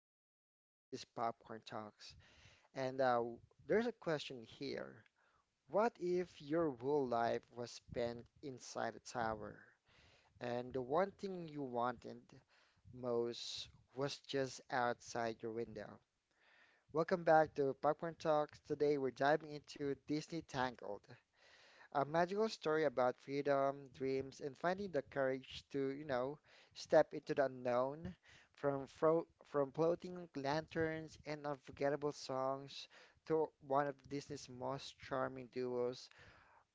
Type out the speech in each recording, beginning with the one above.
John and this is Popcorn Talks. And there's a question here. What if your whole life was spent inside a tower and the one thing you wanted most was just outside your window? Welcome back to Popcorn Talks. Today we're diving into Disney Tangled, a magical story about freedom, dreams, and finding the courage to, you know, step into the unknown. From fro from floating lanterns and unforgettable songs to one of Disney's most charming duos,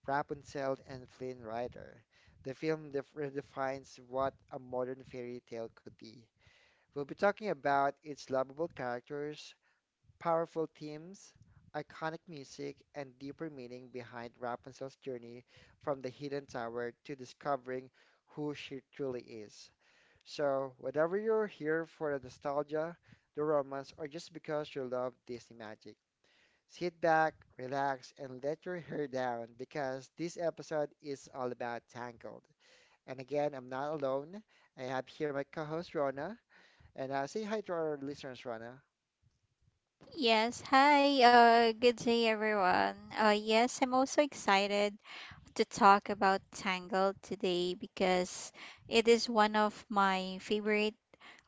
Rapunzel and Flynn Rider. The film def redefines what a modern fairy tale could be. We'll be talking about its lovable characters, powerful themes, iconic music, and deeper meaning behind Rapunzel's journey from the hidden tower to discovering who she truly is. So, whether you're here for the nostalgia, the romance, or just because you love Disney magic, sit back, relax, and let your hair down because this episode is all about Tangled. And again, I'm not alone. I have here my co-host Rona, and say hi to our listeners, Rona. Yes, hi, good day everyone. Yes, I'm also excited to talk about Tangled today because it is one of my favorite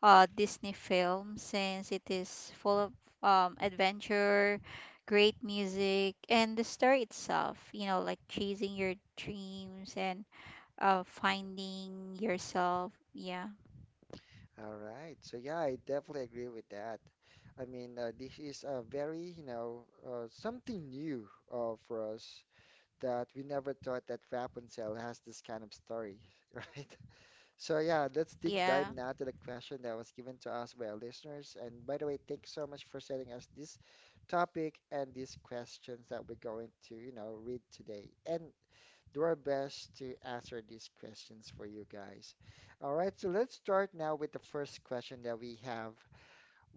Disney films since it is full of adventure, great music, and the story itself, you know, like chasing your dreams and finding yourself. Yeah, All right. So yeah, I definitely agree with that. I mean, this is a very, you know, something new for us that we never thought that Rapunzel has this kind of story, right? So yeah, let's deep yeah, dive now to the question that was given to us by our listeners. And by the way, thanks so much for sending us this topic and these questions that we're going to, you know, read today. And do our best to answer these questions for you guys. All right, so let's start now with the first question that we have.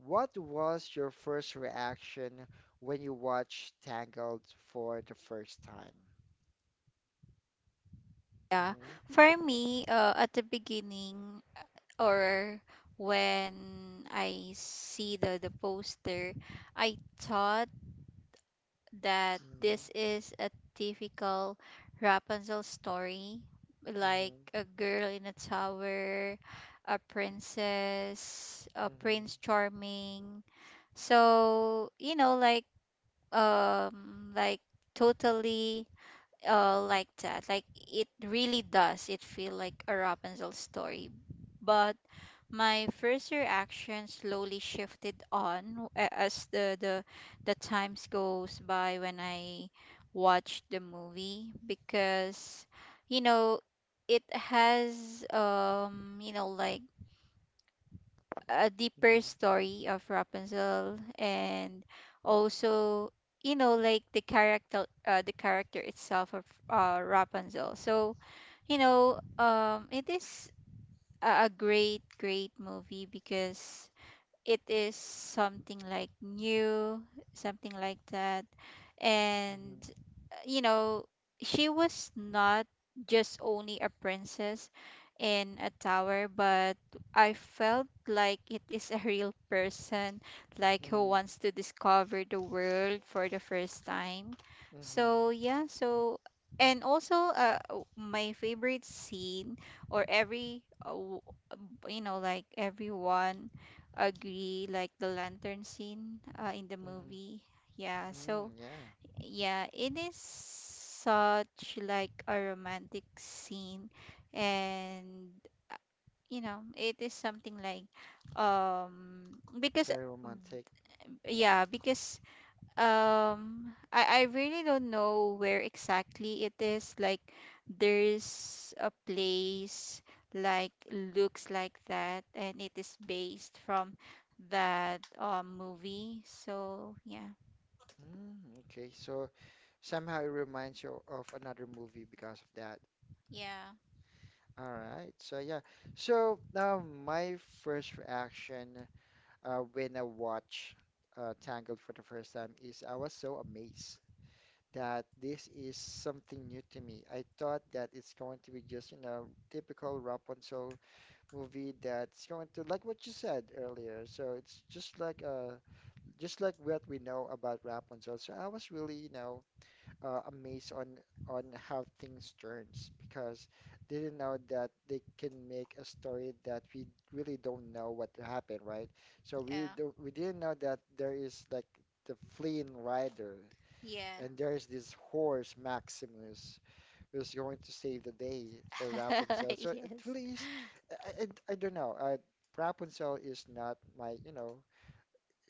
What was your first reaction when you watched Tangled for the first time? yeah. Mhm, For me, at the beginning, or when I see the poster, I thought that mhm, this is a typical Rapunzel story, like mhm, a girl in a tower, a princess, a mhm, prince charming. So, you know, like totally like that, like it really does, it feel like a Rapunzel story, but my first reaction slowly shifted as the times goes by when I watched the movie because, you know, it has you know like a deeper mhm, story of Rapunzel, and also you know like the character, the character itself of Rapunzel. So you know it is a great movie because it is something like new, something like that. And mhm, you know, she was not just only a princess in a tower, but I felt like it is a real person, like who mhm, wants to discover the world for the first time. mhm, So, yeah, so my favorite scene, or every uh, w- you know like everyone agree, like the lantern scene in the mhm, movie. Yeah, so mhm. Yeah, yeah, it is such like a romantic scene, and uh, you know, it is something like because very romantic. yeah, because um, I really don't know where exactly it is like, there's a place like looks like that and it is based from that movie. So, yeah. Mm, okay, so somehow it reminds you of another movie because of that. Yeah, All right. So yeah. So my first reaction when I watched Tangled for the first time is I was so amazed that this is something new to me. I thought that it's going to be just, you know, typical Rapunzel movie that's going to like what you said earlier. So it's just like what we know about Rapunzel. So I was really, you know, amazed on how things turns because they didn't know that they can make a story that we really don't know what happened, right? So yeah, we didn't know that there is like the fleeing rider yeah. and there is this horse Maximus who's going to save the day for Rapunzel. So it Yes. really is I don't know. Rapunzel is not my, you know,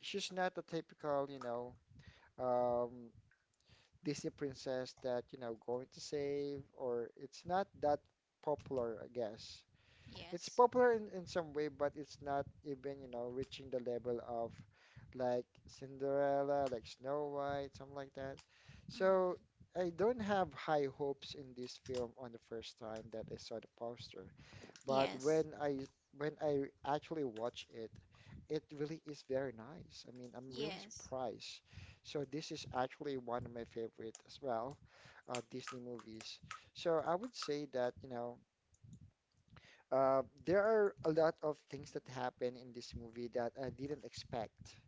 she's not the typical, you know, um Disney princess that, you know, going to save, or it's not that popular, I guess. It's Yes. popular in some way, but it's not even, you know, reaching the level of like Cinderella, like Snow White, something like that. So Mm. I don't have high hopes in this film on the first time that I saw the poster. But Yes. When I actually watch it, it really is very nice. I mean, I'm really Yes. surprised. So this is actually one of my favorite as well, Disney movies. So I would say that, you know, there are a lot of things that happen in this movie that I didn't expect,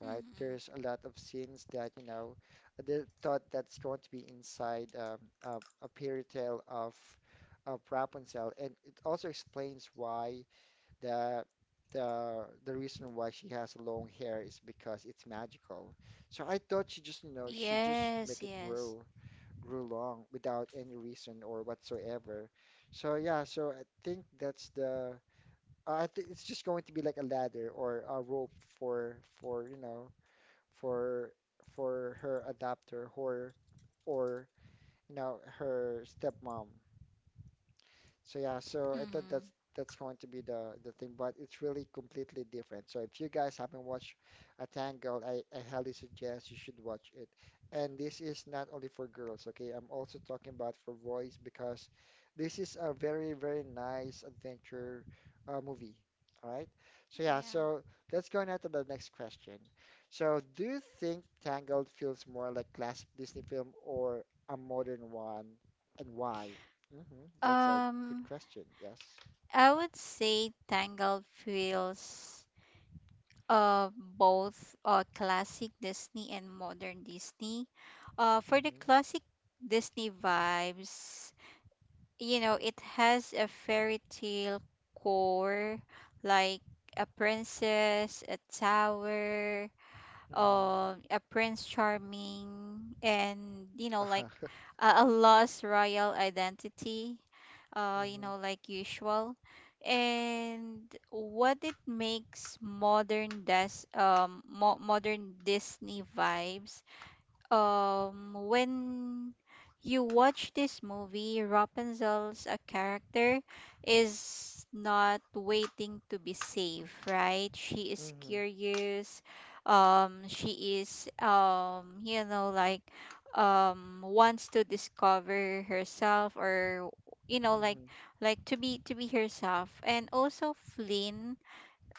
right? Mm. There's a lot of scenes that, you know, thought that's going to be inside a fairy tale of Rapunzel, and it also explains why the the reason why she has long hair is because it's magical. So I thought she just, you know, she just Yes, make it yes. grow grew long without any reason or whatsoever. So yeah, so I think that's the I think it's just going to be like a ladder or a rope for you know, for her adopter or or you know, her stepmom. So yeah, so I thought Mm. That's going to be the thing, but it's really completely different. So if you guys haven't watched A Tangled, I highly suggest you should watch it. And this is not only for girls, okay? I'm also talking about for boys because this is a very, very nice adventure movie. All right. So yeah, Yeah. so let's go now to the next question. So do you think Tangled feels more like classic Disney film or a modern one, and why? Hmm. That's a good Um, question. Yes. I would say Tangled feels uh both classic Disney and modern Disney. For the Hmm classic Disney vibes, you know, it has a fairy tale core, like a princess, a tower, hmm a prince charming, and you know like a lost royal identity, you hmm know like usual. And what it makes modern des mo modern Disney vibes, when you watch this movie, Rapunzel's a character is not waiting to be saved, right? She is hmm curious, she is you know like wants to discover herself, or you know hmm like to be, to be herself. And also Flynn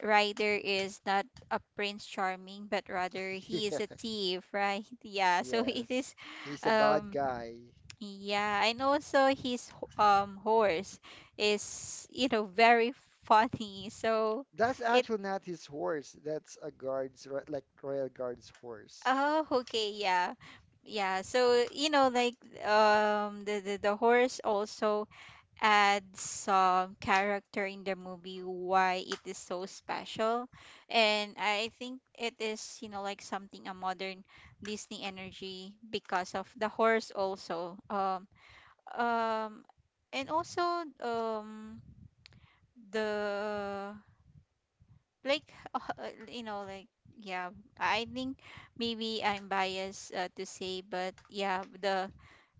Ryder is not a prince charming, but rather he is Yeah. a thief, right? Yeah. So it Yes. is, He's a bad um, guy. yeah. And also his horse is, you know, very funny. So That's it, actually not his horse. That's a guard's, ro- like royal guard's horse. oh okay, yeah, yeah. So you know like, the horse also add some character in the movie why it is so special. And I think it is you know like something a modern Disney energy because of the horse also. Um and also, um the like you know like yeah, I think maybe I'm biased to say, but yeah, the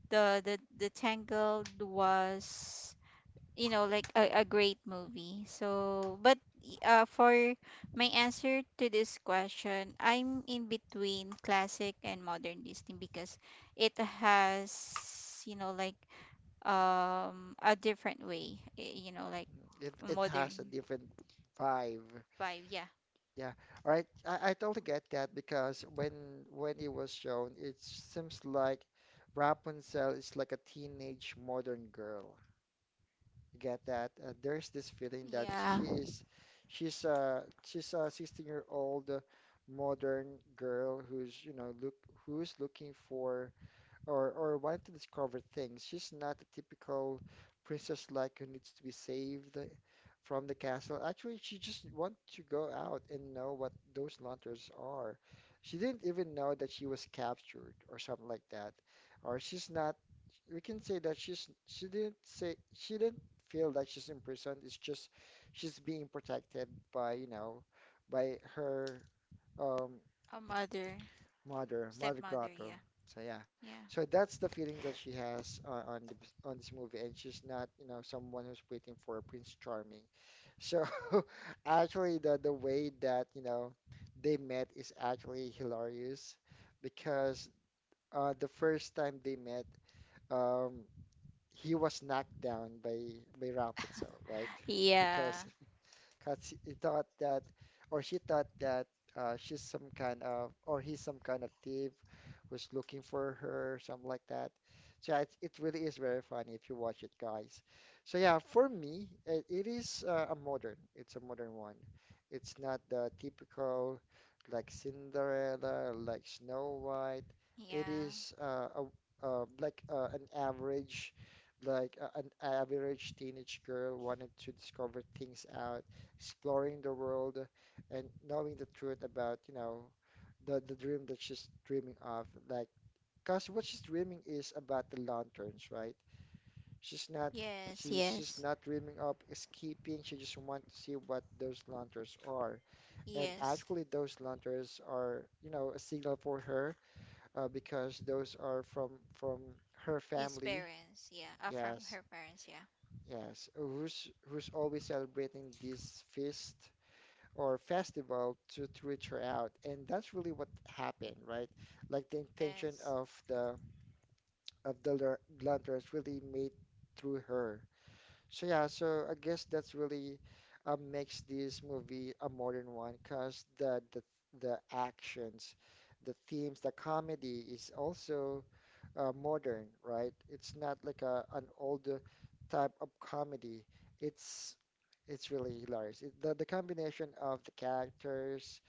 the the the Tangled was, you know, like a great movie. So but for my answer to this question, I'm in between classic and modern Disney because it has, you know, like a different way, you know like Mm, it modern has a different vibe. vibe. Yeah. Yeah. All right. I totally get that because when it was shown, it seems like Rapunzel is like a teenage modern girl. Get that. There's this feeling that Yeah. She's a 16- year old modern girl who's you know look who's looking for or wanted to discover things. She's not a typical princess like who needs to be saved from the castle. Actually, she just wanted to go out and know what those lanterns are. She didn't even know that she was captured or something like that. Or she's not. We can say that she didn't say she didn't feel that she's imprisoned. It's just she's being protected by, you know, by her um A mother, Mother, Mother stepmother, Grotto. yeah. So yeah, Yeah. so that's the feeling that she has on on this movie, and she's not, you know, someone who's waiting for Prince Charming. So actually, the way that, you know, they met is actually hilarious because the first time they met, um, he was knocked down by Rapunzel, right? yeah. Because because he thought that, or she thought that she's some kind of, or he's some kind of thief who's looking for her, something like that. So yeah, it really is very funny if you watch it, guys. So yeah, for me, it is a modern. It's a modern one. It's not the typical like Cinderella, like Snow White. It Yeah. is like an average, like an average teenage girl wanted to discover things out exploring the world and knowing the truth about, you know, the dream that she's dreaming of. Like, cause what she's dreaming is about the lanterns, right? She's not Yes, she's just yes. not dreaming of escaping. She just wants to see what those lanterns are. And Yes. actually, those lanterns are, you know, a signal for her because those are from her His family. parents, yeah, from Yes, her parents, yeah. yes. Who's who's always celebrating this feast? Or festival to reach her out. And that's really what happened, right? Like the intention Yes. Of the lanterns really made through her. So yeah, so I guess that's really makes this movie a modern one because the actions, the themes, the comedy is also modern, right? It's not like a an old type of comedy. It's it's really hilarious. It, the combination of the characters,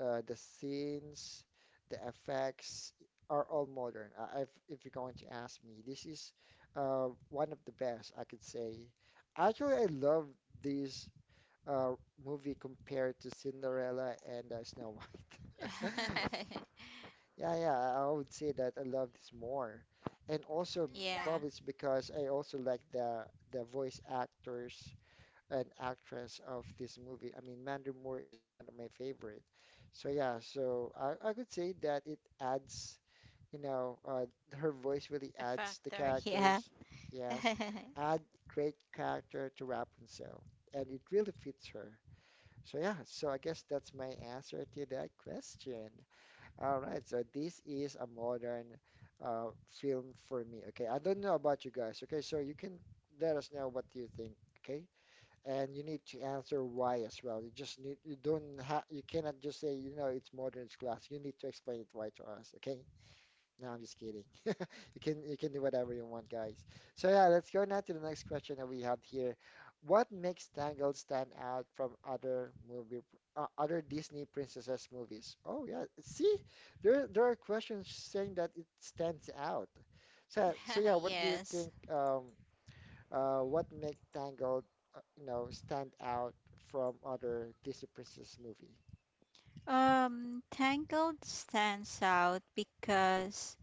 the scenes, the effects are all modern. If you're going to ask me, this is one of the best I could say. Actually, I love this uh, movie compared to Cinderella and Snow White. Mm, that. Yeah, yeah, I would say that I love this more. And also Yeah, probably it's because I also like the voice actors and actress of this movie. I mean, Mandy Moore is one of my favorite. So yeah, so I could say that it adds, you know, her voice a really adds the factor. Yeah. characters. Yes, add great character to Rapunzel, and it really fits her. So yeah, so I guess that's my answer to that question. All right, so this is a modern film for me. Okay, I don't know about you guys. Okay, so you can let us know what you think. Okay, and you need to answer why as well. You just need you don't have you cannot just say, you know, it's modern, it's classic. You need to explain it why to us. Okay, no, I'm just kidding. You can do whatever you want, guys. So yeah, let's go now to the next question that we have here. What makes Tangled stand out from other movie other Disney princesses movies? Oh yeah, see, there are questions saying that it stands out. So so yeah, what do you Yes. think? What make Tangled you know stand out from other Disney princess movie? Tangled stands out because,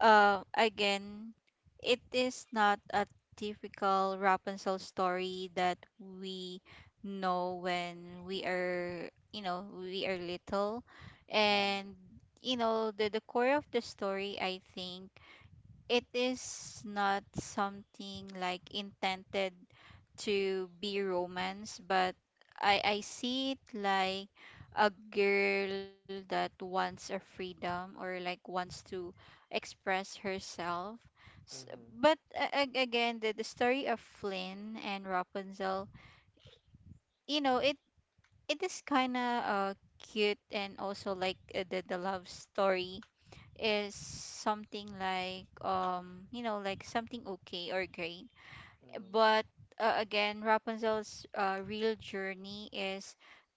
again, it is not a typical Rapunzel story that we know when we are, you know, we are little. And, Mm-hmm, you know, the core of the story, I think, it is not something like intended to be romance, but I see it like a girl that wants a freedom, or like wants to express herself. S- mm-hmm, but again, the story of Flynn and Rapunzel, you know, it is kind of cute, and also like the love story is something like you know like something okay or great. But again, Rapunzel's real journey is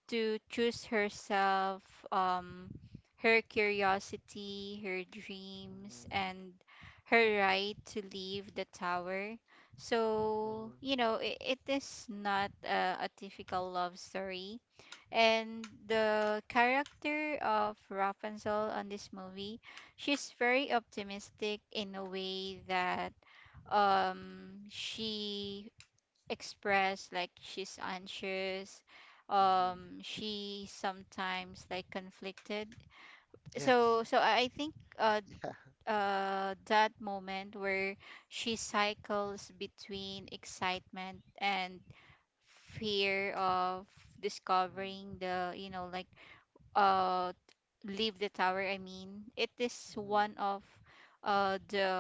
to choose herself, um her curiosity, her dreams, mm-hmm, and her right to leave the tower. mm-hmm, So mm-hmm. you know it, it is not a typical love story. And the character of Rapunzel on this movie, she's very optimistic in a way that she expressed like she's anxious, Mm-hmm. She sometimes like conflicted. Yes. So I think uh Yeah. uh that moment where she cycles between excitement and fear of discovering the, you know, like uh leave the tower, I mean, it is Mm-hmm. one of the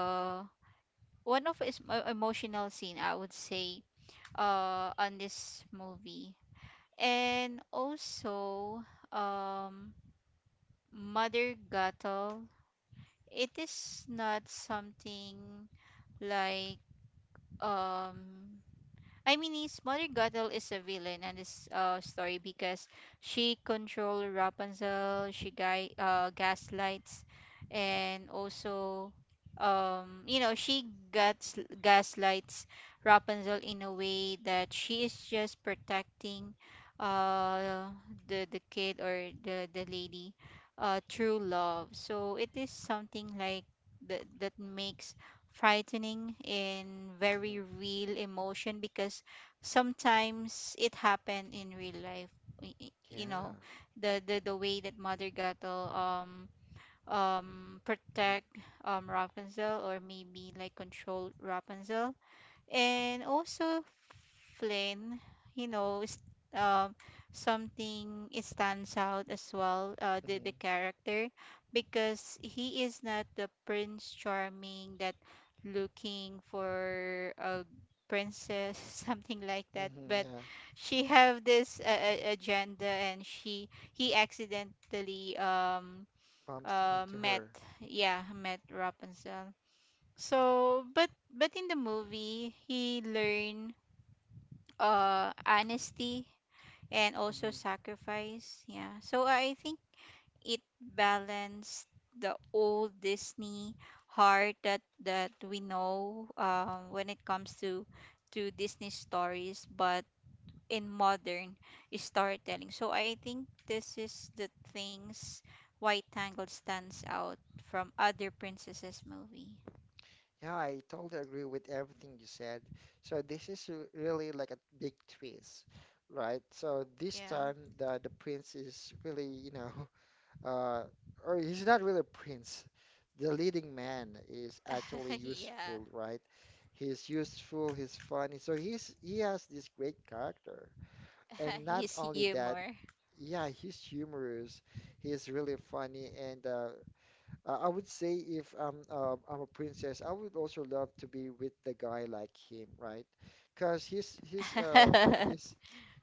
one of its emotional scene, I would say, on this movie. And also um Mother Gatal, it is not something like, um I mean, his Mother Gothel is a villain in this story because she control Rapunzel, she guy gaslights, and also, you know, she gats gaslights Rapunzel in a way that she is just protecting uh the kid or the lady through love. So it is something like that, that makes frightening and very real emotion because sometimes it happened in real life. You Yeah. know, the way that Mother Gato protect Rapunzel, or maybe like control Rapunzel. And also Flynn, you know, um, something, it stands out as well, uh, the, Mm-hmm. the character, because he is not the Prince Charming that looking for a princess, something like that, Mm-hmm. but Yeah. she have this agenda, and she he accidentally Bumps into met, her. yeah, met Rapunzel. So, but in the movie, he learned honesty and also Mm-hmm. sacrifice. Yeah. So I think it balanced the old Disney heart that we know when it comes to Disney stories, but in modern storytelling. So I think this is the things why Tangled stands out from other princesses movie. Yeah, I totally agree with everything you said. So this is really like a big twist, right? So this Yeah. time the prince is really, uh, or he's not really a prince. The leading man is actually yeah. useful, right? He's useful, he's funny. So he has this great character. And not His only that, humor. yeah, he's humorous. He's really funny, and I would say if I'm a princess, I would also love to be with the guy like him, right? Because he's he's uh yeah. he's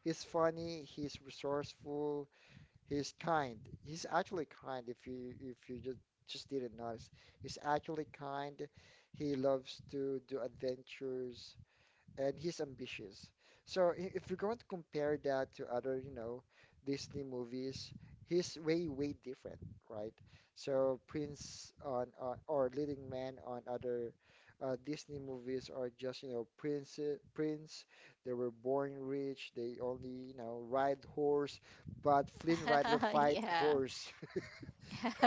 he's funny. He's resourceful. He's kind. He's actually kind. If you just didn't notice, he's actually kind. He loves to do adventures and he's ambitious. So if you're going to compare that to other, Disney movies, he's way, way different, right? So prince on or leading man on other Disney movies are just, you know, prince, prince. They were born rich. They only, you know, ride horse, but Flynn Rider fight horse.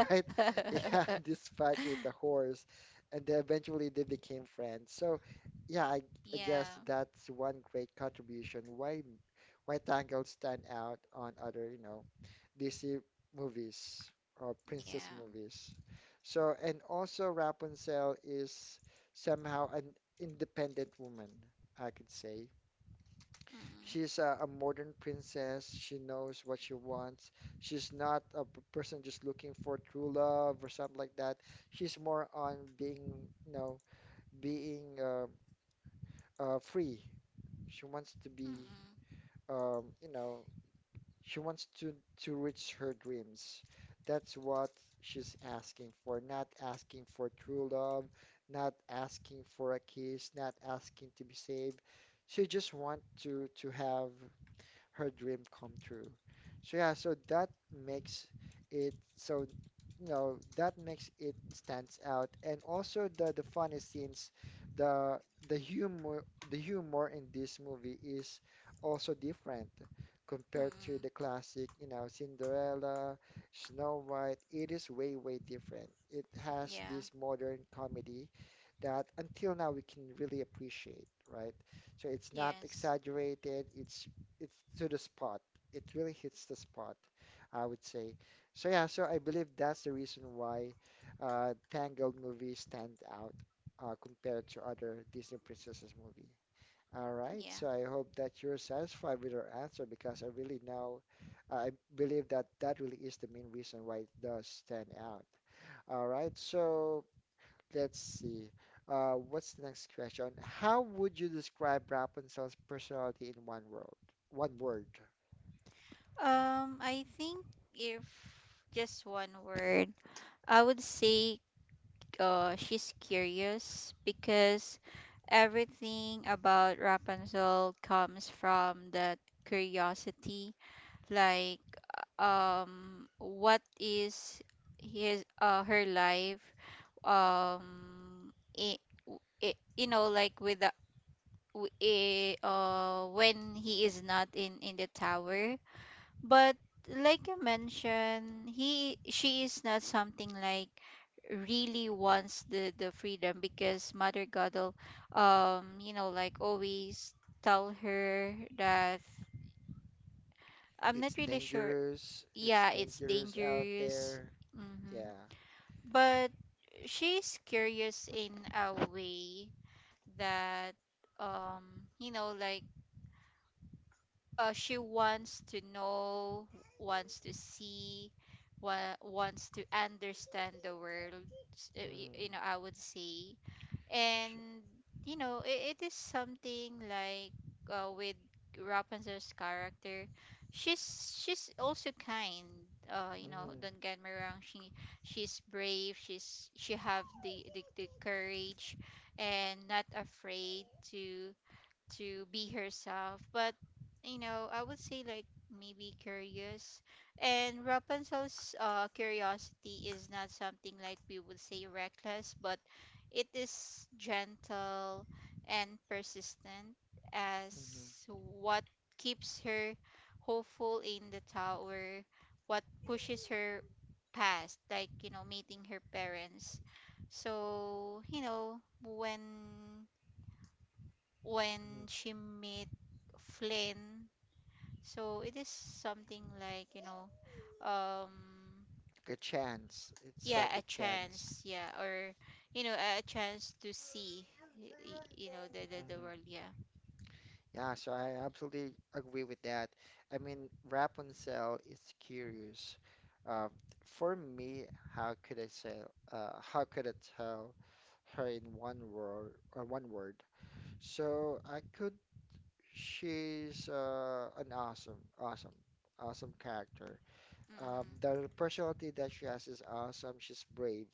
right? Yeah, this fight with the horse, and then eventually they became friends. So, yeah, I guess yeah. that's one great contribution why Tangled stand out on other, you know, DC movies or princess Yeah. movies. So, and also Rapunzel is somehow an independent woman, I could say. Mm-mm. She's a modern princess. She knows what she wants. She's not a person just looking for true love or something like that. She's more on being, you know, being free. She wants to Mm-mm. be, um, you know, she wants to reach her dreams. That's what she's asking for. Not asking for true love, not asking for a kiss, not asking to be saved. She just want to have her dream come true. So yeah, so that makes it so that makes it stands out, and also the funny scenes, the the humor the humor in this movie is also different compared Mm-mm. to the classic, you know, Cinderella, Snow White. It is way way different. It has Yeah. this modern comedy that until now we can really appreciate, right? So it's not Yes. exaggerated, it's to the spot. It really hits the spot, I would say. So yeah, so I believe that's the reason why Tangled movie stand out compared to other Disney Princesses movie. All right, Yeah. so I hope that you're satisfied with our answer because I really know, I believe that really is the main reason why it does stand out. All right, so let's see. What's the next question? How would you describe Rapunzel's personality in one word? One word. I think if just one word, I would say she's curious because everything about Rapunzel comes from that curiosity, like what is his her life, um it, it, you know like with the w- when he is not in in the tower. But like you mentioned, he she is not something like really wants the freedom because Mother Godel, you know like, always tell her that, I'm not It's really sure. dangerous. It's Yeah, it's dangerous out dangerous. there. Hmm. Yeah. But she's curious in a way that, you know, like she wants to know, wants to see, wants to understand the world. Mm. You know, I would say, Sh- and you know, it is something like with Rapunzel's character. She's also kind. You know, mhm, don't get me wrong. She, she's brave. She have the courage, and not afraid to to be herself. But you know, I would say like maybe curious. And Rapunzel's curiosity is not something like we would say reckless, but it is gentle and persistent, mhm, as what keeps her hopeful in the tower, what pushes her past, like you know, meeting her parents. So, you know, mhm. when she met Flynn. So it is something like, you know, Like a chance. It's like yeah, a a chance. chance, yeah, or you know, a chance to see, you know, the world, Hmm. yeah. Yeah, so I absolutely agree with that. I mean, Rapunzel is curious. Um, for me, how could I say, how could I tell her in one word or one word? So she's an awesome, awesome, awesome character. Hmm. The personality that she has is awesome. She's brave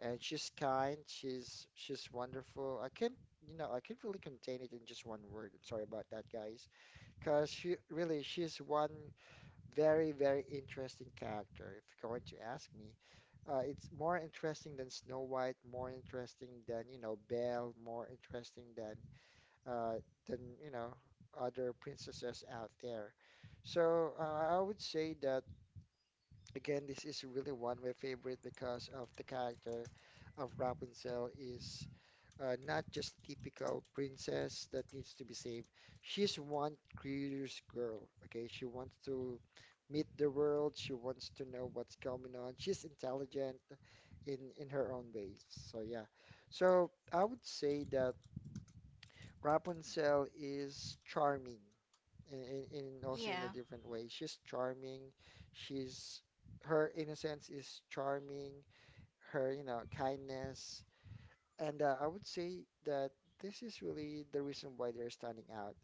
and she's kind. She's wonderful. I can't, you know, I can't really contain it in just one word. I'm sorry about that, guys. Because she's one very very interesting character. If you're going to ask me, it's more interesting than Snow White, more interesting than you know Belle, more interesting uh, than you know other princesses out there. So I would say that again, this is really one of my favorite because of the character of Rapunzel is not just typical princess that needs to be saved. She's one curious girl, okay? She wants to meet the world. She wants to know what's going on. She's intelligent in her own ways. So yeah. So I would say that Rapunzel is charming in also in a Yeah, different way. She's charming. She's Her innocence is charming. Her, you know, kindness, and I would say that this is really the reason why they're standing out,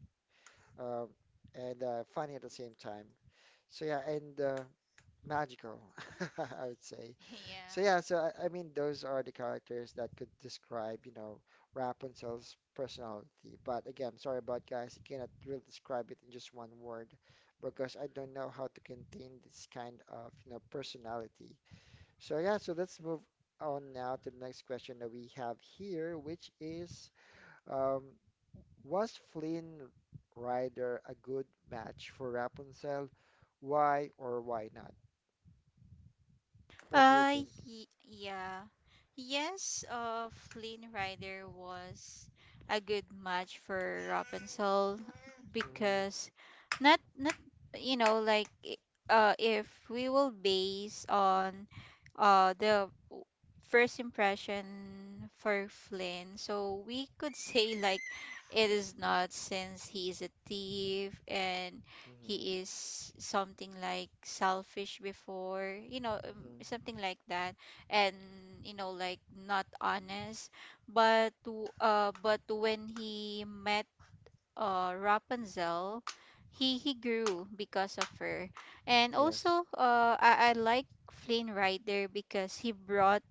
um, and funny at the same time. So yeah, and magical, I would say. yeah. So yeah, I mean those are the characters that could describe, you know, Rapunzel's personality. But again, sorry about guys, I cannot really describe it in just one word because I don't know how to contain this kind of, you know, personality. So yeah, so let's move on now to the next question that we have here, which is um, was Flynn Rider a good match for Rapunzel? Why or why not? What do you Uh, think? Yeah. Yes, Flynn Rider was a good match for Rapunzel Mhm. because, not you know like if we will base on uh the w- first impression for Flynn, so we could say like it is not, since he's a thief, and Mhm. he is something like selfish before, you know, Mhm. something like that, and you know like not honest. But when he met Rapunzel, he grew because of her. And Yes. also, I like Flynn Rider because he brought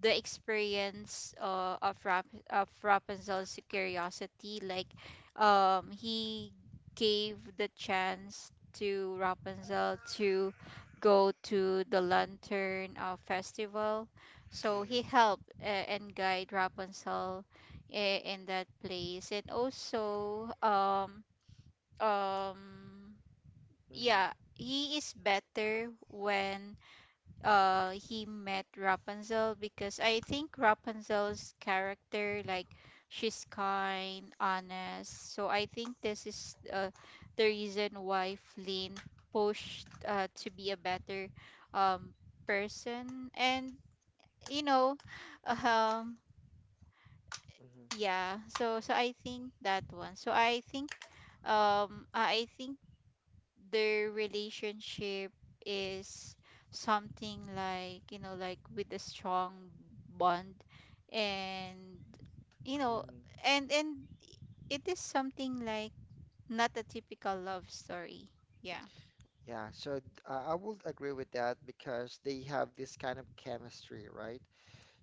the experience of Rapunzel's curiosity. Like, he gave the chance to Rapunzel to go to the Lantern Festival. So he Mhm. helped, and guide Rapunzel, in that place. And also um yeah, Mhm. he is better when he met Rapunzel because I think Rapunzel's character, like, she's kind, honest, so I think this is the reason why Flynn pushed to be a better um person, and you know, um. Mhm. Yeah, so I think that one. So I think I think their relationship is something like, you know, like with a strong bond and, you know, Mhm. And it is something like not a typical love story. Yeah. Yeah, I would agree with that because they have this kind of chemistry, right?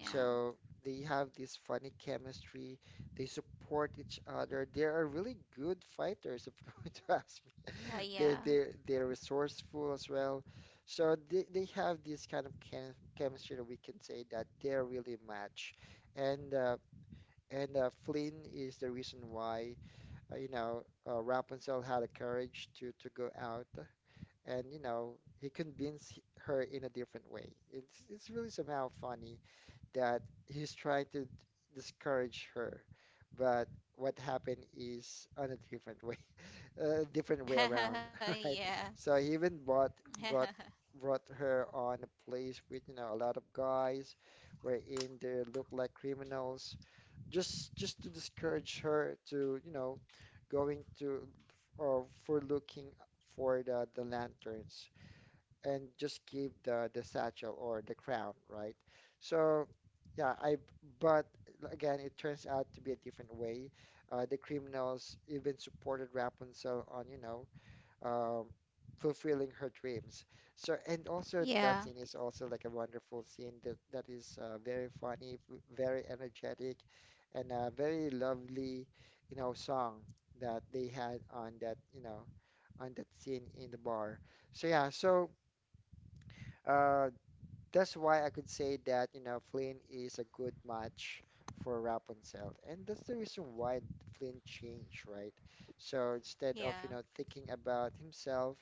Yeah. they have this funny chemistry. They support each other. They are really good fighters, if you're going to ask me. They're Yeah. they're they're resourceful as well. So they have this kind of chemistry that we can say that they're really match. And uh, and Flynn is the reason why Rapunzel had the courage to go out, and you know, he convinced her in a different way. It's really somehow funny that he's trying to discourage her, but what happened is on a different way, a different way around, yeah. right? So he even brought brought her on a place with you know a lot of guys, wherein they look like criminals just to discourage her to, you know, going to for looking for the lanterns and just keep the satchel or the crown, right? So yeah, I but again, it turns out to be a different way. The criminals even supported Rapunzel on, you know, um, fulfilling her dreams. So, and also yeah. that scene is also like a wonderful scene that is very funny, very energetic, and a very lovely, you know, song that they had on that, you know, on that scene in the bar. So yeah, so uh, that's why I could say that, you know, Flynn is a good match for Rapunzel. And that's the reason why Flynn changed, right? So instead of, Yeah. you know, thinking about himself,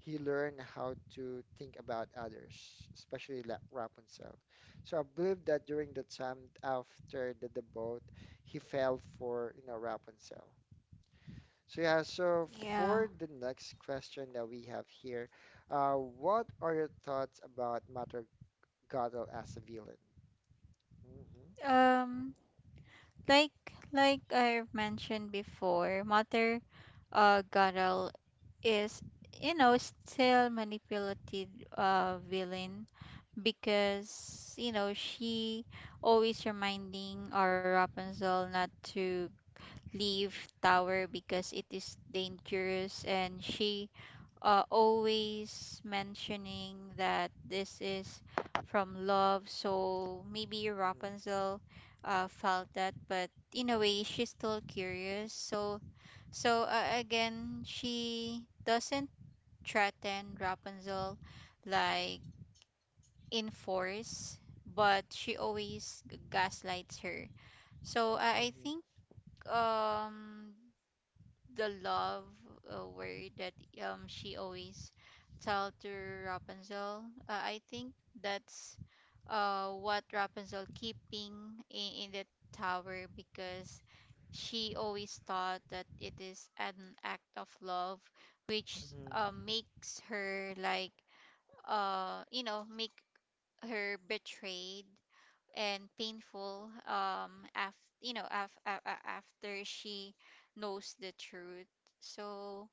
he learned how to think about others, especially La Rapunzel. So I believe that during the time after the boat, he fell for, you know, Rapunzel. So yeah, so Yeah. for the next question that we have here, what are your thoughts about Matter Godel as a villain. Mm-hmm. Um, like like I've mentioned before, Mother Gadal is still manipulative villain because she always reminding our Rapunzel not to leave tower because it is dangerous, and she always mentioning that this is from love. So maybe Rapunzel felt that, but in a way, she's still curious. So, again, she doesn't threaten Rapunzel like in force, but she always gaslights her. So I think Mm-hmm. um the love word that she always tell to Rapunzel. I think that's what Rapunzel keeping in the tower, because she always thought that it is an act of love, which Mm-hmm. makes her like make her betrayed and painful after after she knows the truth. so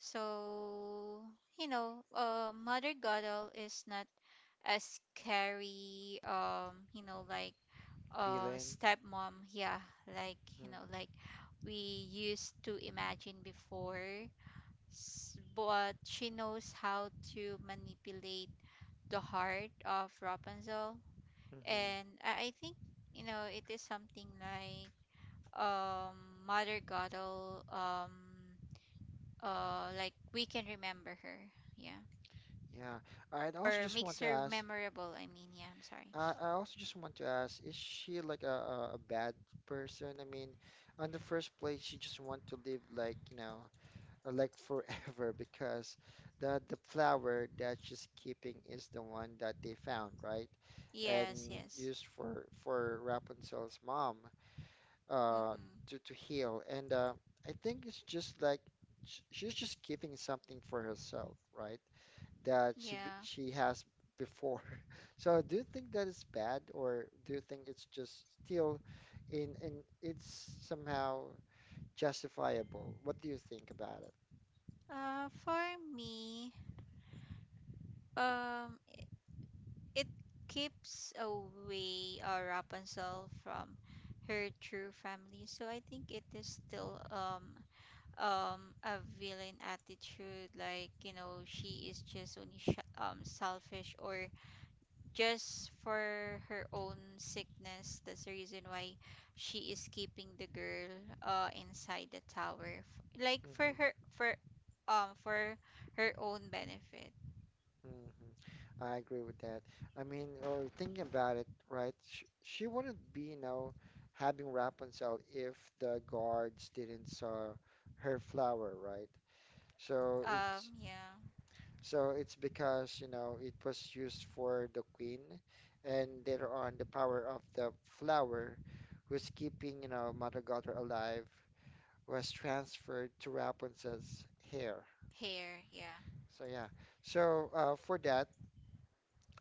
so you know uh, mother godel is not a scary like Villain. stepmom, yeah, like you know Hmm. like we used to imagine before. But she knows how to manipulate the heart of rapunzel. Mm-hmm. And I think, it is something like Mother Goddel like we can remember her. Yeah. Yeah. I'd also Or just want to makes her ask. memorable, I mean, yeah, I'm sorry. I also just want to ask, is she like a bad person? I mean, on the first place, she just want to live like, you know, like forever because the flower that she's keeping is the one that they found, right? Yes, And yes. used for Rapunzel's mom. uh, Mm-mm. to heal. And I think it's just like sh she's just keeping something for herself, right? That Yeah. She has before. So do you think that is bad, or do you think it's just still in it's somehow justifiable? What do you think about For me, um it keeps away Rapunzel from her true family. So I think it is still a villain attitude, like she is just only selfish, or just for her own sickness. That's the reason why she is keeping the girl inside the tower. Like it? for her, for her own benefit. Hmm. I agree with that. I mean, or thinking about it, right? She wouldn't be, you know, having Rapunzel if the guards didn't saw her flower, right? So Yeah. It's because, you know, it was used for the queen, and later on, the power of the flower, who's keeping, you know, Mother Gothel alive, was transferred to Rapunzel's hair. Hair, yeah. So yeah. So for that.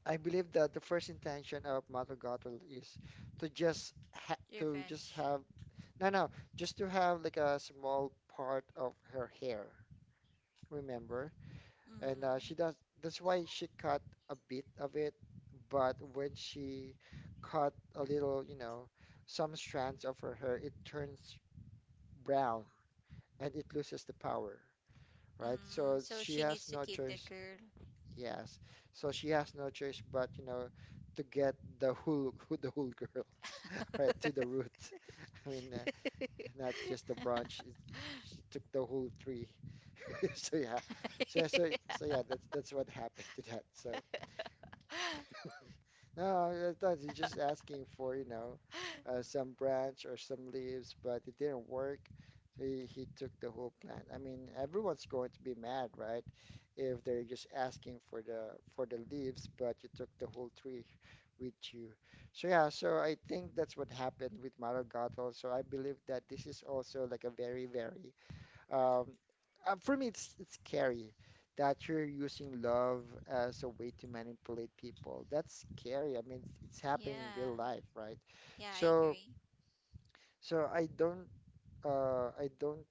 I believe that the first intention of Mother Gothel is to just Revenge. have no no just to have like a small part of her hair, remember? And Mm-hmm. she does that's why she cut a bit of it, but when she cut a little, you know, some strands of her hair, it turns brown and it loses the power, right? So Mm, so she she has needs no to keep the choice. girl. Yes. So she has no choice but, you know, to get the whole the whole girl, right, to the root. I mean, not just the branch. She took the whole tree. So yeah. So yeah, that's what happened to that. So no, I thought he's just asking for, you know, some branch or some leaves, but it didn't work. So he took the whole plant. I mean, everyone's going to be mad, right? If they're just asking for the leaves, but you took the whole tree with you. So yeah, so I think that's what happened with Maragatl. So I believe that this is also like a very, very um, for me, it's scary that you're using love as a way to manipulate people. That's scary. I mean, it's happening in real Yeah. life, right? Yeah, I So, agree. so I don't, uh, I don't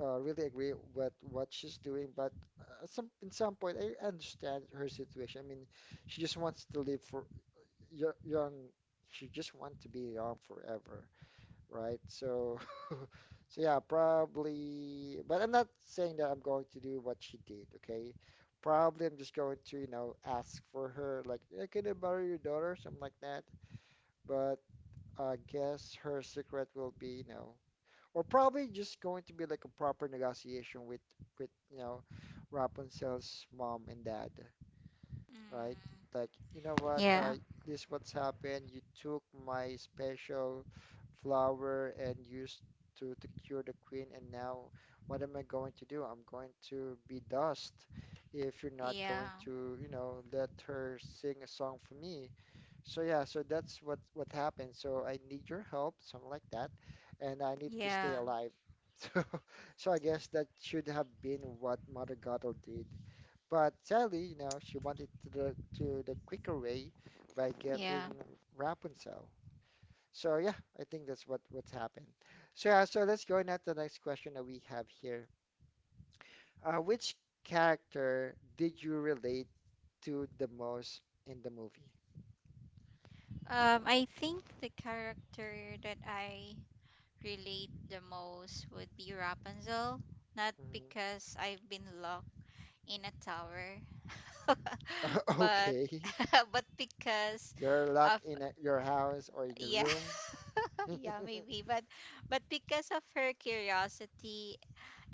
uh, really agree with what she's doing, but some in some point I understand her situation. I mean, she just wants to live for young. She just wants to be young forever, right? So, so yeah, probably, but I'm not saying that I'm going to do what she did, okay? Probably I'm just going to, you know, ask for her, like, "Eh, can I borrow your daughter? Something like that. But I guess her secret will be, you know, or probably just going to be like a proper negotiation with, you know, Rapunzel's mom and dad, right? Mm. Like, you know what, Yeah. this what's happened. You took my special flower and used to cure the queen, and now what am I going to do? I'm going to be dust if you're not going Yeah. to, you know, let her sing a song for me. So yeah, so that's what happened. So I need your help, something like that, and I need to stay Yeah. alive. So, so, I guess that should have been what Mother Gothel did. But sadly, you know, she wanted to the quicker way by getting Yeah. Rapunzel. So yeah, I think that's what what's happened. So yeah, so let's go now to the next question that we have here. Which character did you relate to the most in the movie? I think the character that I relate the most would be Rapunzel. Not because I've been locked in a tower, Mhm. but Okay, but because you're locked of in at your house or in your yeah, room. yeah, maybe, but because of her curiosity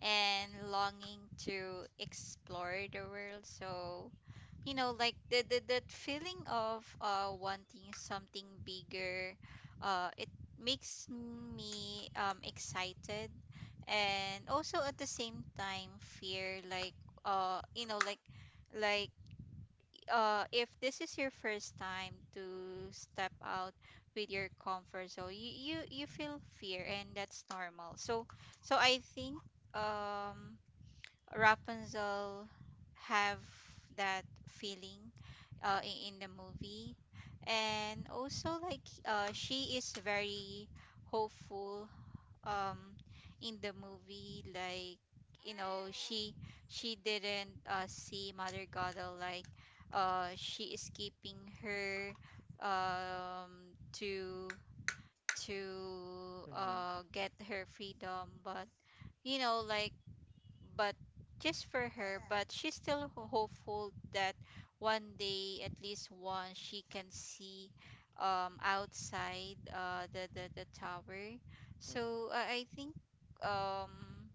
and longing to explore the world. So, you know, like the that feeling of wanting something bigger, it makes me excited, and also at the same time fear. Like, uh, you know, like like if this is your first time to step out with your comfort zone, you feel fear, and that's normal. So I think um Rapunzel have that feeling in the movie. And also, like, she is very hopeful um, in the movie. Like, you know, she didn't see Mother Gothel like she is keeping her um, to to Mm-hmm. get her freedom. But, you know, like but just for her. But she's still hopeful that one day, at least once, she can see outside the tower. So I think um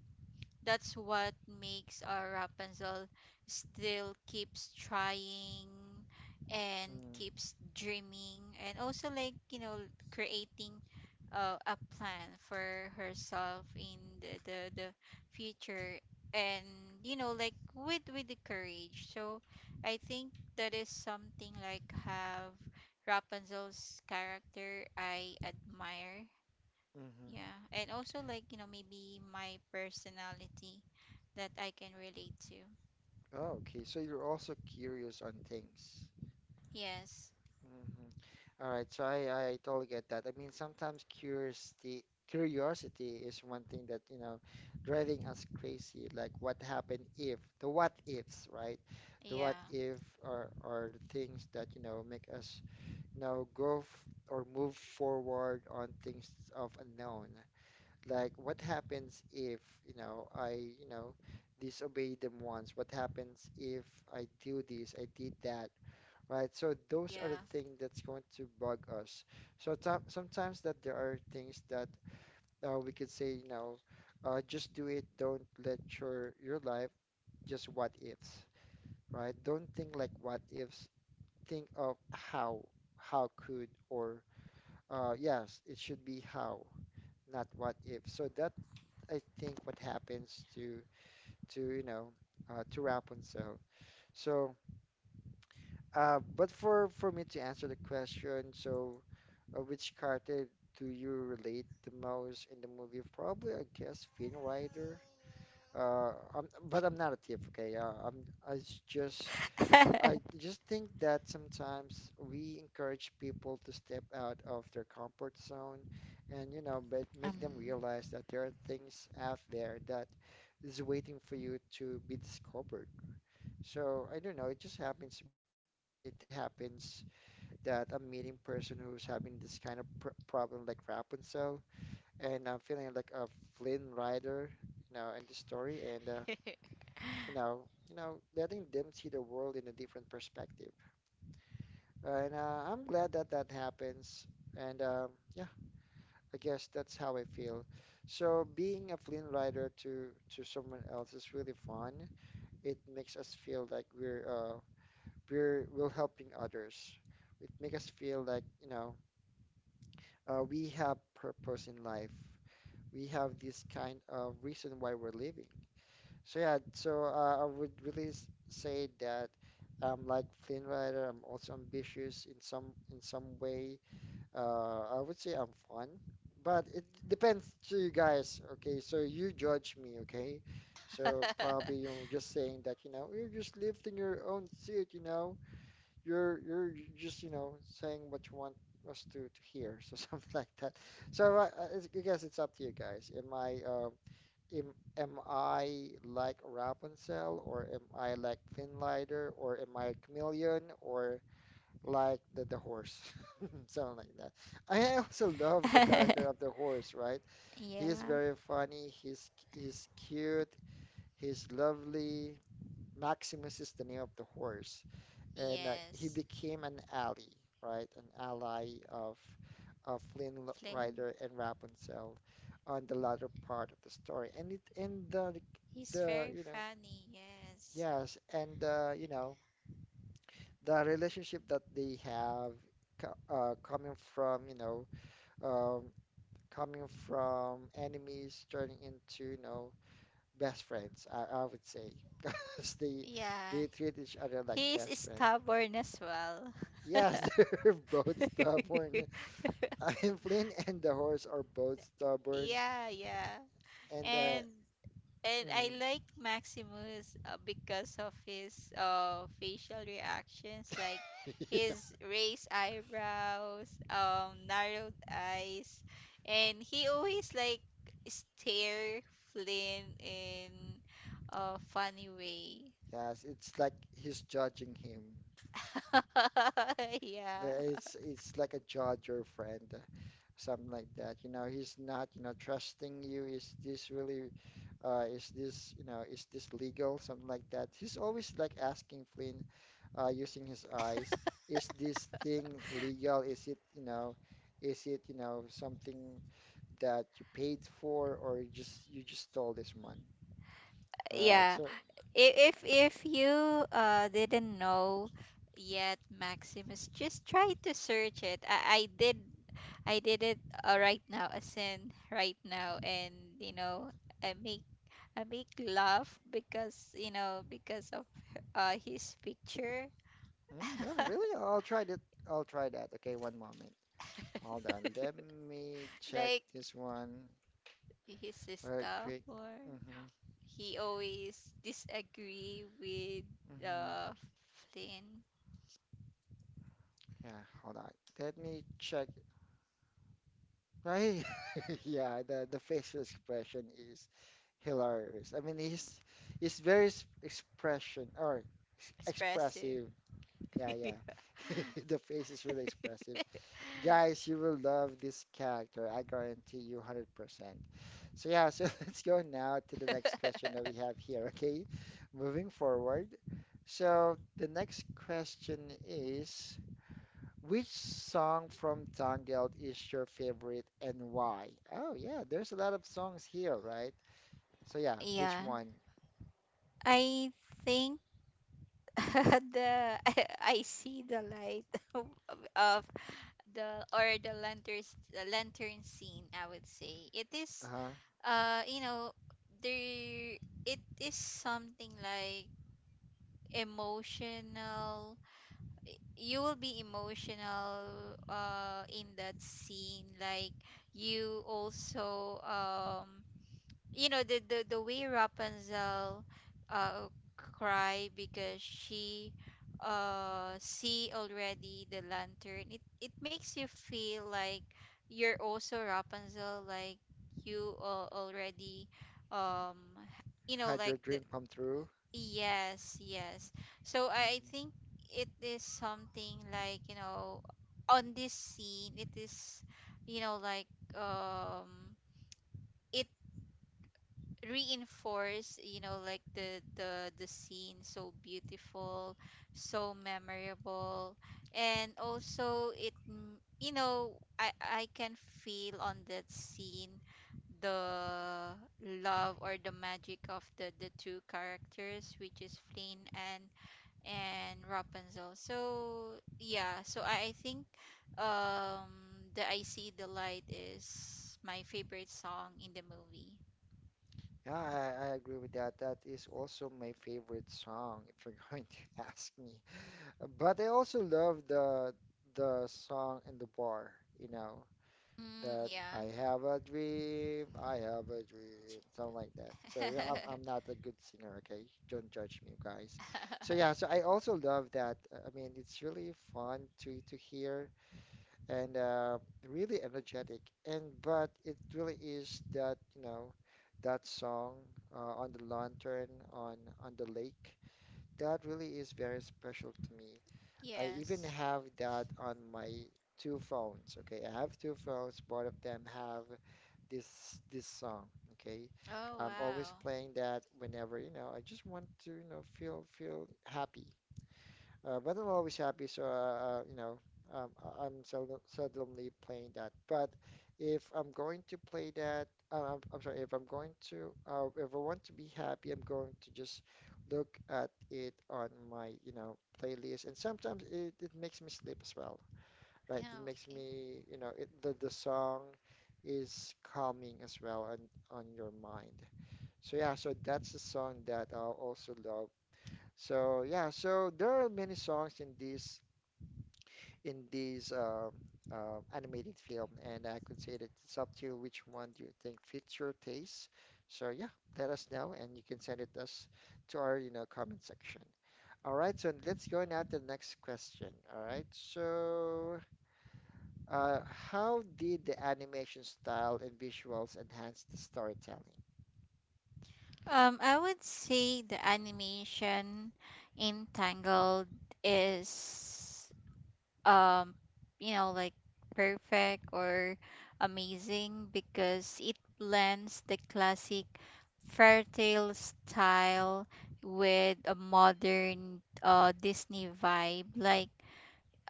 that's what makes our Rapunzel still keeps trying and Mm-hmm. keeps dreaming, and also, like, creating a plan for herself in the future. And, with the courage. So I think that is something like have Rapunzel's character I admire. Mm-hmm. Yeah, and also, like, you know, maybe my personality that I can relate to. Oh, okay, so you're also curious on things. Yes. Mhm. All right, so I totally get that. I mean, sometimes curiosity is one thing that, you know, driving us crazy, like what happened if, the what ifs, right? The what Yeah. if are are the things that, you know, make us, you know, go f or move forward on things of unknown. Like what happens if, you know, I, you know, disobey them once? What happens if I do this, I did that? Right, so those are the Yeah. things that's going to bug us. So sometimes that there are things that we could say, you know, just do it. Don't let your life just what ifs, right? Don't think like what ifs. Think of how could, or yes, it should be how, not what if. So that I think what happens to you know to Rapunzel. So, but for me to answer the question, so. Which character do you relate the most in the movie? Probably, I guess, Finn Rider. But I'm not a thief, okay? I s- just, I just think that sometimes we encourage people to step out of their comfort zone, and you know, but make them Um. realize that there are things out there that is waiting for you to be discovered. So I don't know. It just happens to me that it happens that I'm meeting person who's having this kind of pr problem like Rapunzel, and I'm feeling like a Flynn Rider, you know, in this story, and you know, letting them see the world in a different perspective. And I'm glad that that happens, and yeah, I guess that's how I feel. So being a Flynn Rider to someone else is really fun. It makes us feel like we're we're helping others. It makes us feel like you know we have purpose in life. We have this kind of reason why we're living. So yeah, so I would really say that like Flynn Rider, I'm also ambitious in some way. I would say I'm fun, but it depends to you guys. Okay, so you judge me. Okay, so probably you're just saying that you know you're just lifting your own suit. You know you're just you know saying what you want us to hear, so something like that, so I guess it's up to you guys, am I like Rapunzel, or am I like Finlider, or am I a chameleon, or like the horse? Something like that. I also love the character of the horse, right? He's Yeah. very funny, he's cute, he's lovely. Maximus is the name of the horse, and he Yes. became an ally, right? An ally of Flynn Flynn. Rider and Rapunzel on the latter part of the story, and it and the like, He's the very you know funny. Yes. yes, and you know the relationship that they have coming from you know um, coming from enemies turning into you know best friends, I would say, because Yeah. they treat each other like He's best friends. stubborn as well. Yes, they're both stubborn. I am Flynn and the horse are both stubborn, Yeah, yeah. and And And I mm, like Maximus, because of his facial reactions, like his raised eyebrows, narrowed eyes, and he always like stare Flynn in a funny way. yes, it's like he's judging him. Uh, Yeah, It's it's like a judge or friend, something like that. You know, he's not, you know, trusting you. Is this really, is this, you know, is this legal? Something like that. He's always like asking Flynn, using his eyes, is this thing legal? Is it, you know, is it, you know, something that you paid for or you just stole this one? All right, yeah. so If you didn't know yet, maximus, just try to search it. I did it right now, as in right now. And, you know, i make I make laugh, because you know, because of his picture. mm, yeah, really, I'll try that. I'll try that. Okay, one moment. Hold on. Let me check Like this one his very stuff, quick. or Mm-hmm. he always disagree with Mm-hmm. uh flynn. Yeah, hold on. Let me check. Right? Yeah, the facial expression is hilarious. I mean, he's very Expressive. expressive. Yeah, Yeah. yeah. The face is really expressive. Guys, you will love this character. I guarantee you 100%. So yeah, so let's go now to the next question that we have here, okay? Moving forward. So the next question is, which song from Tangled is your favorite and why? Oh yeah, there's a lot of songs here, right? So yeah, which Yeah, one? I think the I see the light, of, of the, or the lantern, the lantern scene. I would say it is Uh-huh. uh you know there, it is something like emotional. You will be emotional in that scene. Like you also the the way Rapunzel uh cry, because she see already the lantern, it makes you feel like you're also Rapunzel. Like you already Had your like the dream come true? yes, yes. So I think Mhm. it is something like, you know, on this scene, it is you know like um it reinforce, you know, like the scene so beautiful, so memorable. And also it m- you know I can feel on that scene the love, or the magic of the two characters, which is Flynn and Rapunzel. So yeah, so I think the I see the light is my favorite song in the movie. Yeah, I agree with that. That is also my favorite song, if you're going to ask me. But I also love the song in the bar, you know, Mm, that I yeah. have a dream, I have a dream, something like that. So yeah, I'm not a good singer, okay? Don't judge me, guys. So yeah, so I also love that. I mean, it's really fun to hear and really energetic. And but it really is that, you know, that song on the lantern on the lake. That really is very special to me. I even Yes. have that on my two phones. Okay, I have two phones. Both of them have this song. Okay, Oh, I'm always wow. playing that whenever, you know, I just want to, you know, feel happy. But I'm always happy, so you know, I'm seldom, seldomly playing that. But if I'm going to play that, if I'm going to, if I want to be happy, I'm going to just look at it on my, you know, playlist. And sometimes it makes me sleep as well, right? It Yeah, makes okay. me, you know, it, the song is calming as well on your mind. So yeah, so that's a song that I also love. So yeah, so there are many songs in this in these animated film, and I consider it's up to you which one do you think fits your taste. So yeah, let us know, and you can send it us to our you know comment section. All right, so let's go now to the next question. All right, so how did the animation style and visuals enhance the storytelling? I would say the animation in Tangled is um, you know, like perfect or amazing, because it blends the classic fairy tale style with a modern Disney vibe. Like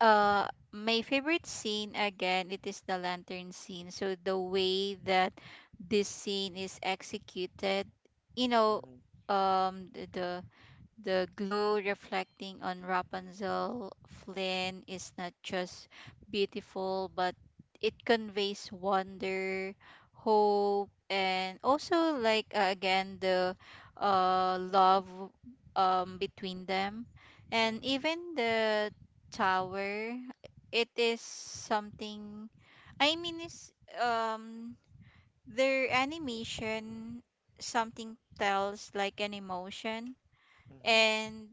uh my favorite scene again, it is the lantern scene. So the way that this scene is executed, you know, Hmm. um the the the glow reflecting on Rapunzel Flynn is not just beautiful, but it conveys wonder, hope, and also, like, again, the love between them, and Hmm. even the tower. It is something. I mean, is um their animation something tells like an emotion. Hmm. And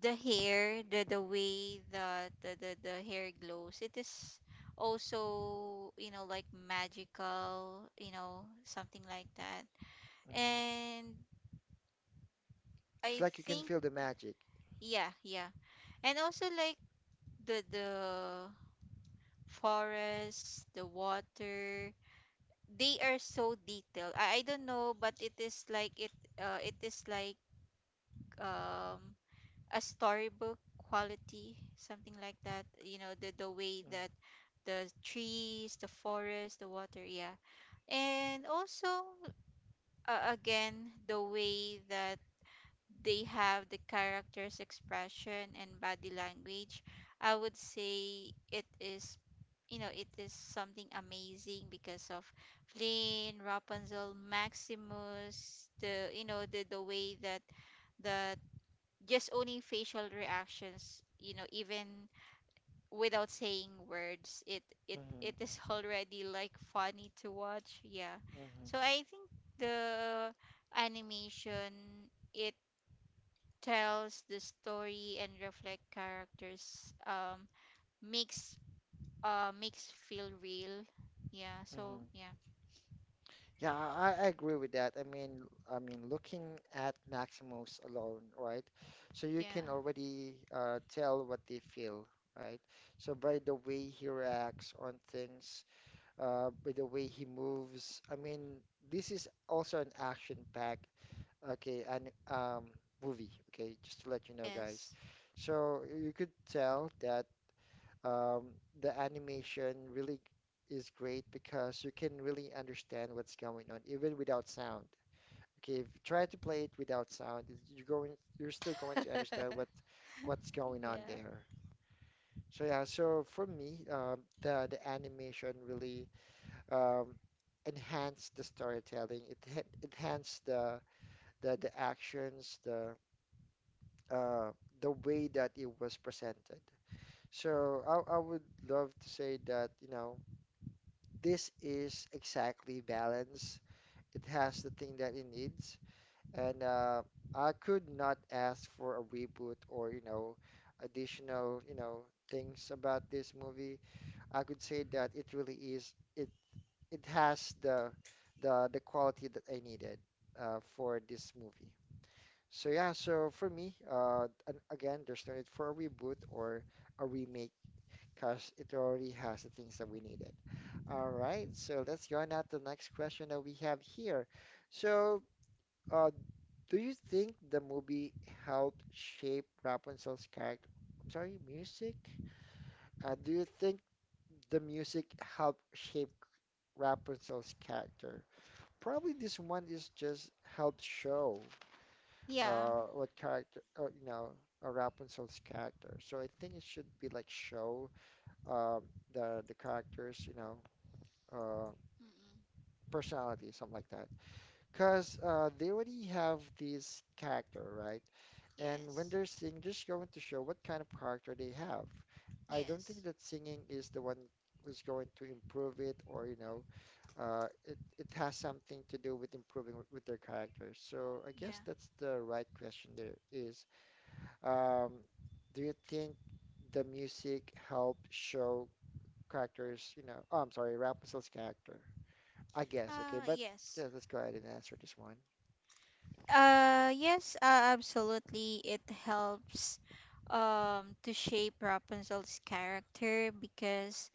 the hair, the way that the hair glows, it is also, you know, like magical, you know, something like that. Hmm. And It's I like you can think, feel the magic. yeah, yeah. And also like the forest, the water, they are so detailed. I don't know, but it is like it it is like um a storybook quality, something like that. You know, the way that the trees, the forest, the water, yeah. And also again, the way that they have the characters expression and body language, I would say it is, you know, it is something amazing because of Flynn, Rapunzel, Maximus, the way that the just owning facial reactions, you know, even without saying words, it Mm-hmm. is already like funny to watch, yeah. So Hmm. I think the animation, it tells the story and reflect characters. Makes makes feel real, yeah, so Hmm. yeah. Yeah, I agree with that. I mean, looking at Maximus alone, right? So you can Yeah. already tell what they feel, right? So by the way he reacts on things, by the way he moves. I mean, this is also an action-packed, okay, and movie. Okay, just to let you know, guys. Yes. So you could tell that um, the animation really is great because you can really understand what's going on even without sound. Okay, if you try to play it without sound, you're going, you're still going to understand what what's going on Yeah, there. So yeah, so for me, the animation really um, enhanced the storytelling. Enhanced the actions, uh, the way that it was presented. So I would love to say that, you know, this is exactly balance. It has the thing that it needs, and I could not ask for a reboot or, you know, additional, you know, things about this movie. I could say that it really is it it has the the quality that I needed for this movie. So yeah, so for me, and again, there's no need for a reboot or a remake because it already has the things that we needed. All right, so let's go on at the next question that we have here. So, uh, do you think the movie helped shape Rapunzel's character? I'm sorry, music? Do you think the music helped shape Rapunzel's character? Probably this one is just helped show yeah. What character, Rapunzel's character. So I think it should be like show uh, the characters, you know, uh, Mm-mm. personality, something like that. Because they already have this character, right? And when Yes, they're singing, they're just going to show what kind of character they have. I don't think yes. that singing is the one who's going to improve it, or you know, it has something to do with improving with their character. So I guess Yeah. that's the right question. There is, um, do you think the music helped show characters? You know, oh, I'm sorry, Rapunzel's character. I guess. Okay, but yeah, Yes. let's go ahead and answer this one. Yes, absolutely. It helps to shape Rapunzel's character, because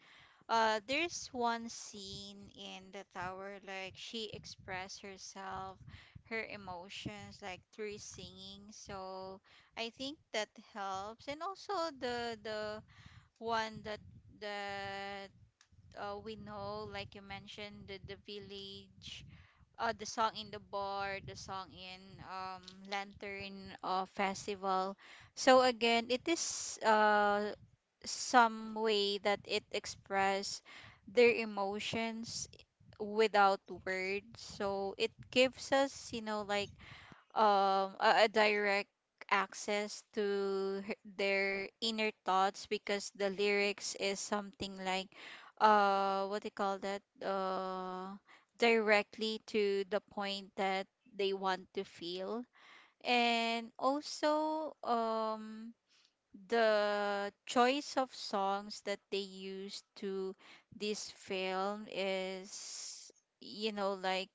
there's one scene in the tower, like she expressed herself, her emotions, like through singing. So I think that helps. And also the one that we know, like you mentioned the village, the song in the bar, the song in um, Lantern Festival. So again, it is some way that it express their emotions without words. So it gives us, you know, like a direct access to their inner thoughts, because the lyrics is something like what do you call that, directly to the point that they want to feel. And also the choice of songs that they used to this film is, you know, like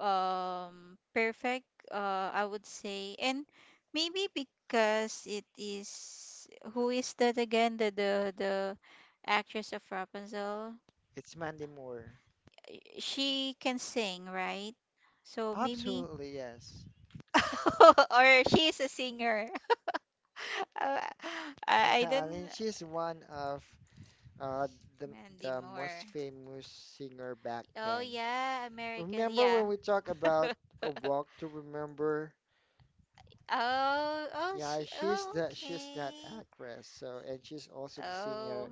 perfect, I would say. And maybe because it is, who is that again, the actress of Rapunzel, It's Mandy Moore. she can sing, right? So maybe Absolutely, yes. or she's a singer. Uh, I Yeah, I don't. mean, she's one of uh, the Mandy the most Moore. famous singer back then. Oh yeah, American, Remember when yeah. we talk about A Oh. Walk to Remember? Oh, Yeah, she, oh, she's that okay. actress. So, and she's also the Oh. singer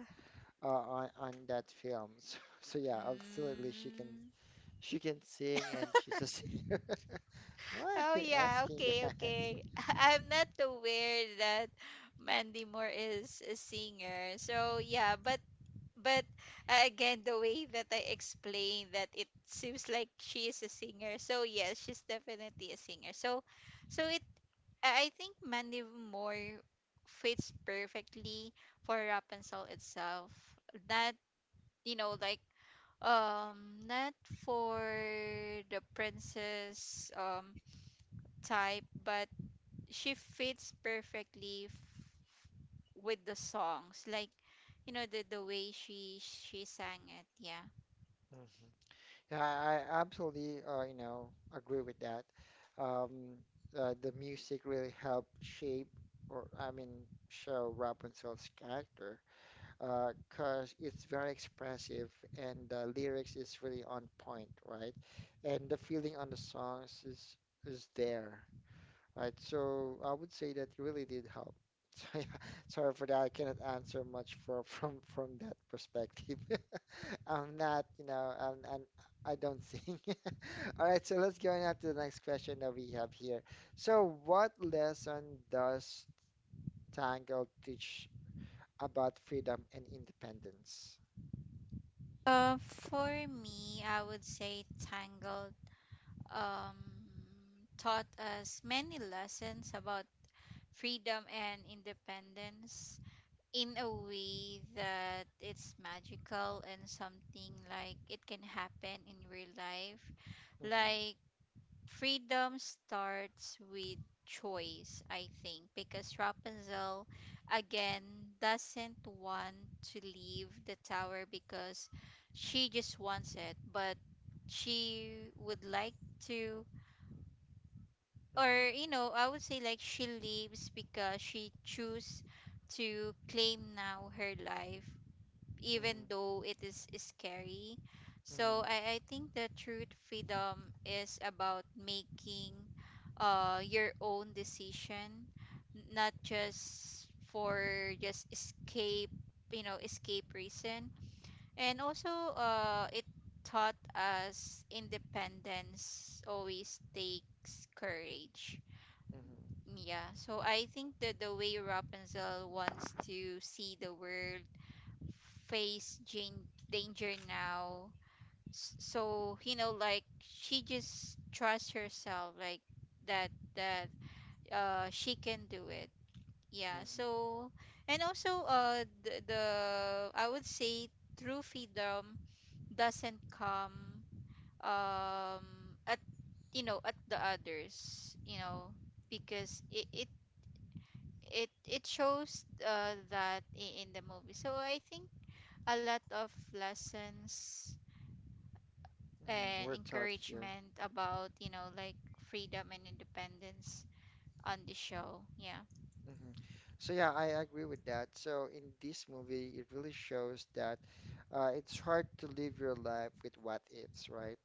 on that film. So, so yeah, absolutely, she can Mm. Sing and she's a singer. Why are Oh you yeah, asking okay, that? okay. I'm not aware that Mandy Moore is a singer. So yeah, but but again, the way that I explained, that it seems like she is a singer. So yes, she's definitely a singer. So so it I think Mandy Moore fits perfectly for Rapunzel itself. Not, you know, like not for the princess type, but she fits perfectly with the songs, like, you know, the way she sang it, yeah. Mhm. Yeah, I absolutely, you know, agree with that. Um, the music really helped shape, or I mean, show Rapunzel's character, 'cause it's very expressive and the lyrics is really on point, right? And the feeling on the songs is there, right? So I would say that really did help. So yeah, sorry for that. I cannot answer much for from that perspective. I'm not, you know, I don't sing. All right, so let's go on to the next question that we have here. So, what lesson does Tangled teach about freedom and independence? For me, I would say tangled um taught us many lessons about freedom and independence in a way that it's magical and something like it can happen in real life. Mm-hmm. Like freedom starts with choice, I think, because Rapunzel again doesn't want to leave the tower because she just wants it, but she would like to, Mm-hmm. or you know, I would say, like, she leaves because she choose to claim now her life, Mm-hmm. even though it is scary. So Mm-hmm. I think the truth freedom is about making your own decision, not just for just escape, you know, escape reason. And also it taught us independence always takes courage. Mm-hmm. Yeah, so I think that the way Rapunzel wants to see the world, face danger now. So, you know, like she just trusts herself, like that she can do it. Yeah. Mm-hmm. So, and also the I would say true freedom doesn't come at, you know, at the others, you know, because it shows that in the movie. So I think a lot of lessons Mm-hmm. We're and taught here. encouragement about, you know, like freedom and independence on the show. Yeah. Mhm. So yeah, I agree with that. So in this movie, it really shows that it's hard to live your life with what ifs, right?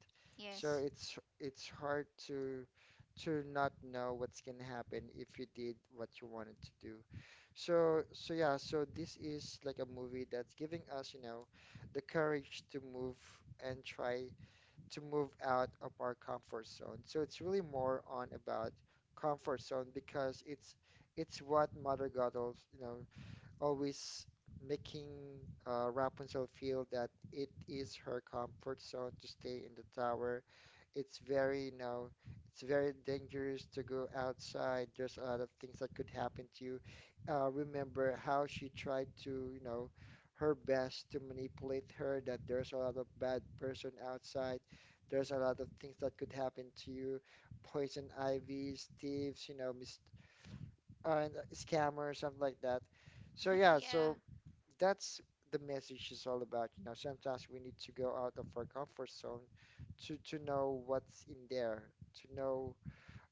So Yes. it's hard to not know what's gonna happen if you did what you wanted to do. So so yeah, so this is like a movie that's giving us, you know, the courage to move and try to move out of our comfort zone. So it's really more on about comfort zone because it's what Mother God, you know, always making Rapunzel feel that it is her comfort zone to stay in the tower. It's very, you know, it's very dangerous to go outside. There's a lot of things that could happen to you. Remember how she tried to, you know, her best to manipulate her that there's a lot of bad person outside. There's a lot of things that could happen to you. Poison ivies, thieves, you know, mis and, scammers, something like that. So yeah, so Yeah. that's the message is all about. You know, sometimes we need to go out of our comfort zone to know what's in there, to know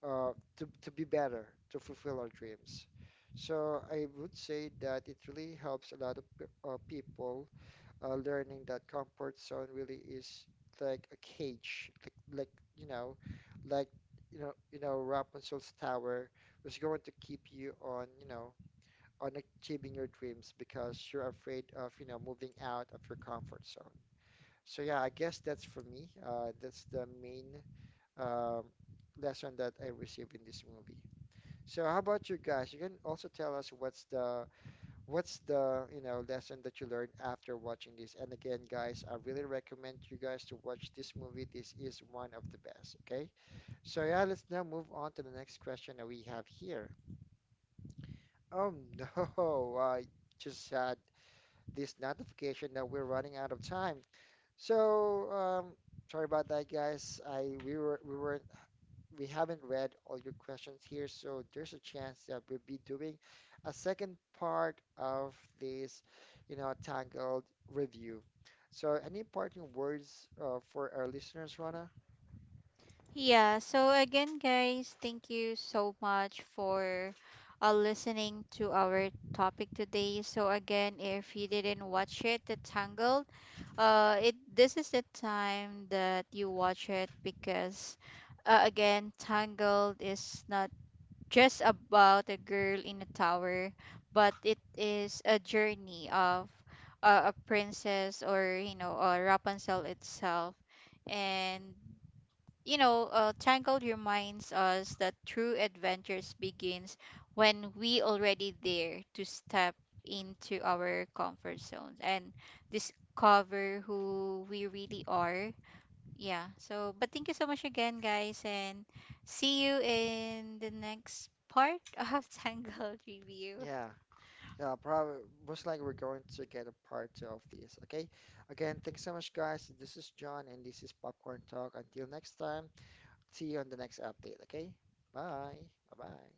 to be better, to fulfill our dreams. So I would say that it really helps a lot of people learning that comfort zone really is like a cage, like you know, like you know, you know, Rapunzel's tower was going to keep you on, you know, on achieving your dreams because you're afraid of, you know, moving out of your comfort zone. So yeah, I guess that's for me. That's the main um, lesson that I received in this movie. So how about you guys? You can also tell us what's the you know, lesson that you learned after watching this. And again, guys, I really recommend you guys to watch this movie. This is one of the best, okay? So yeah, let's now move on to the next question that we have here. Oh no, I just had this notification that we're running out of time. So, sorry about that, guys. I we haven't read all your questions here, so there's a chance that we'll be doing a second part of this, you know, Tangled review. So, any parting words for our listeners, Rana? Yeah. So, again, guys, thank you so much for listening to our topic today. So, again, if you didn't watch it, The Tangled, it this is the time that you watch it. Because, again, Tangled is not just about a girl in a tower, but it is a journey of a princess, or, you know, Rapunzel itself. And, Tangled reminds us that true adventures begins when we already dare to step into our comfort zones and discover who we really are. Yeah, so but thank you so much again, guys, and see you in the next part of tangled review. Yeah, yeah, probably most likely we're going to get a part two of this. Okay, again, thanks so much, guys. This is John, and this is Popcorn Talk. Until next time. See you on the next update, okay? Bye. Bye-bye.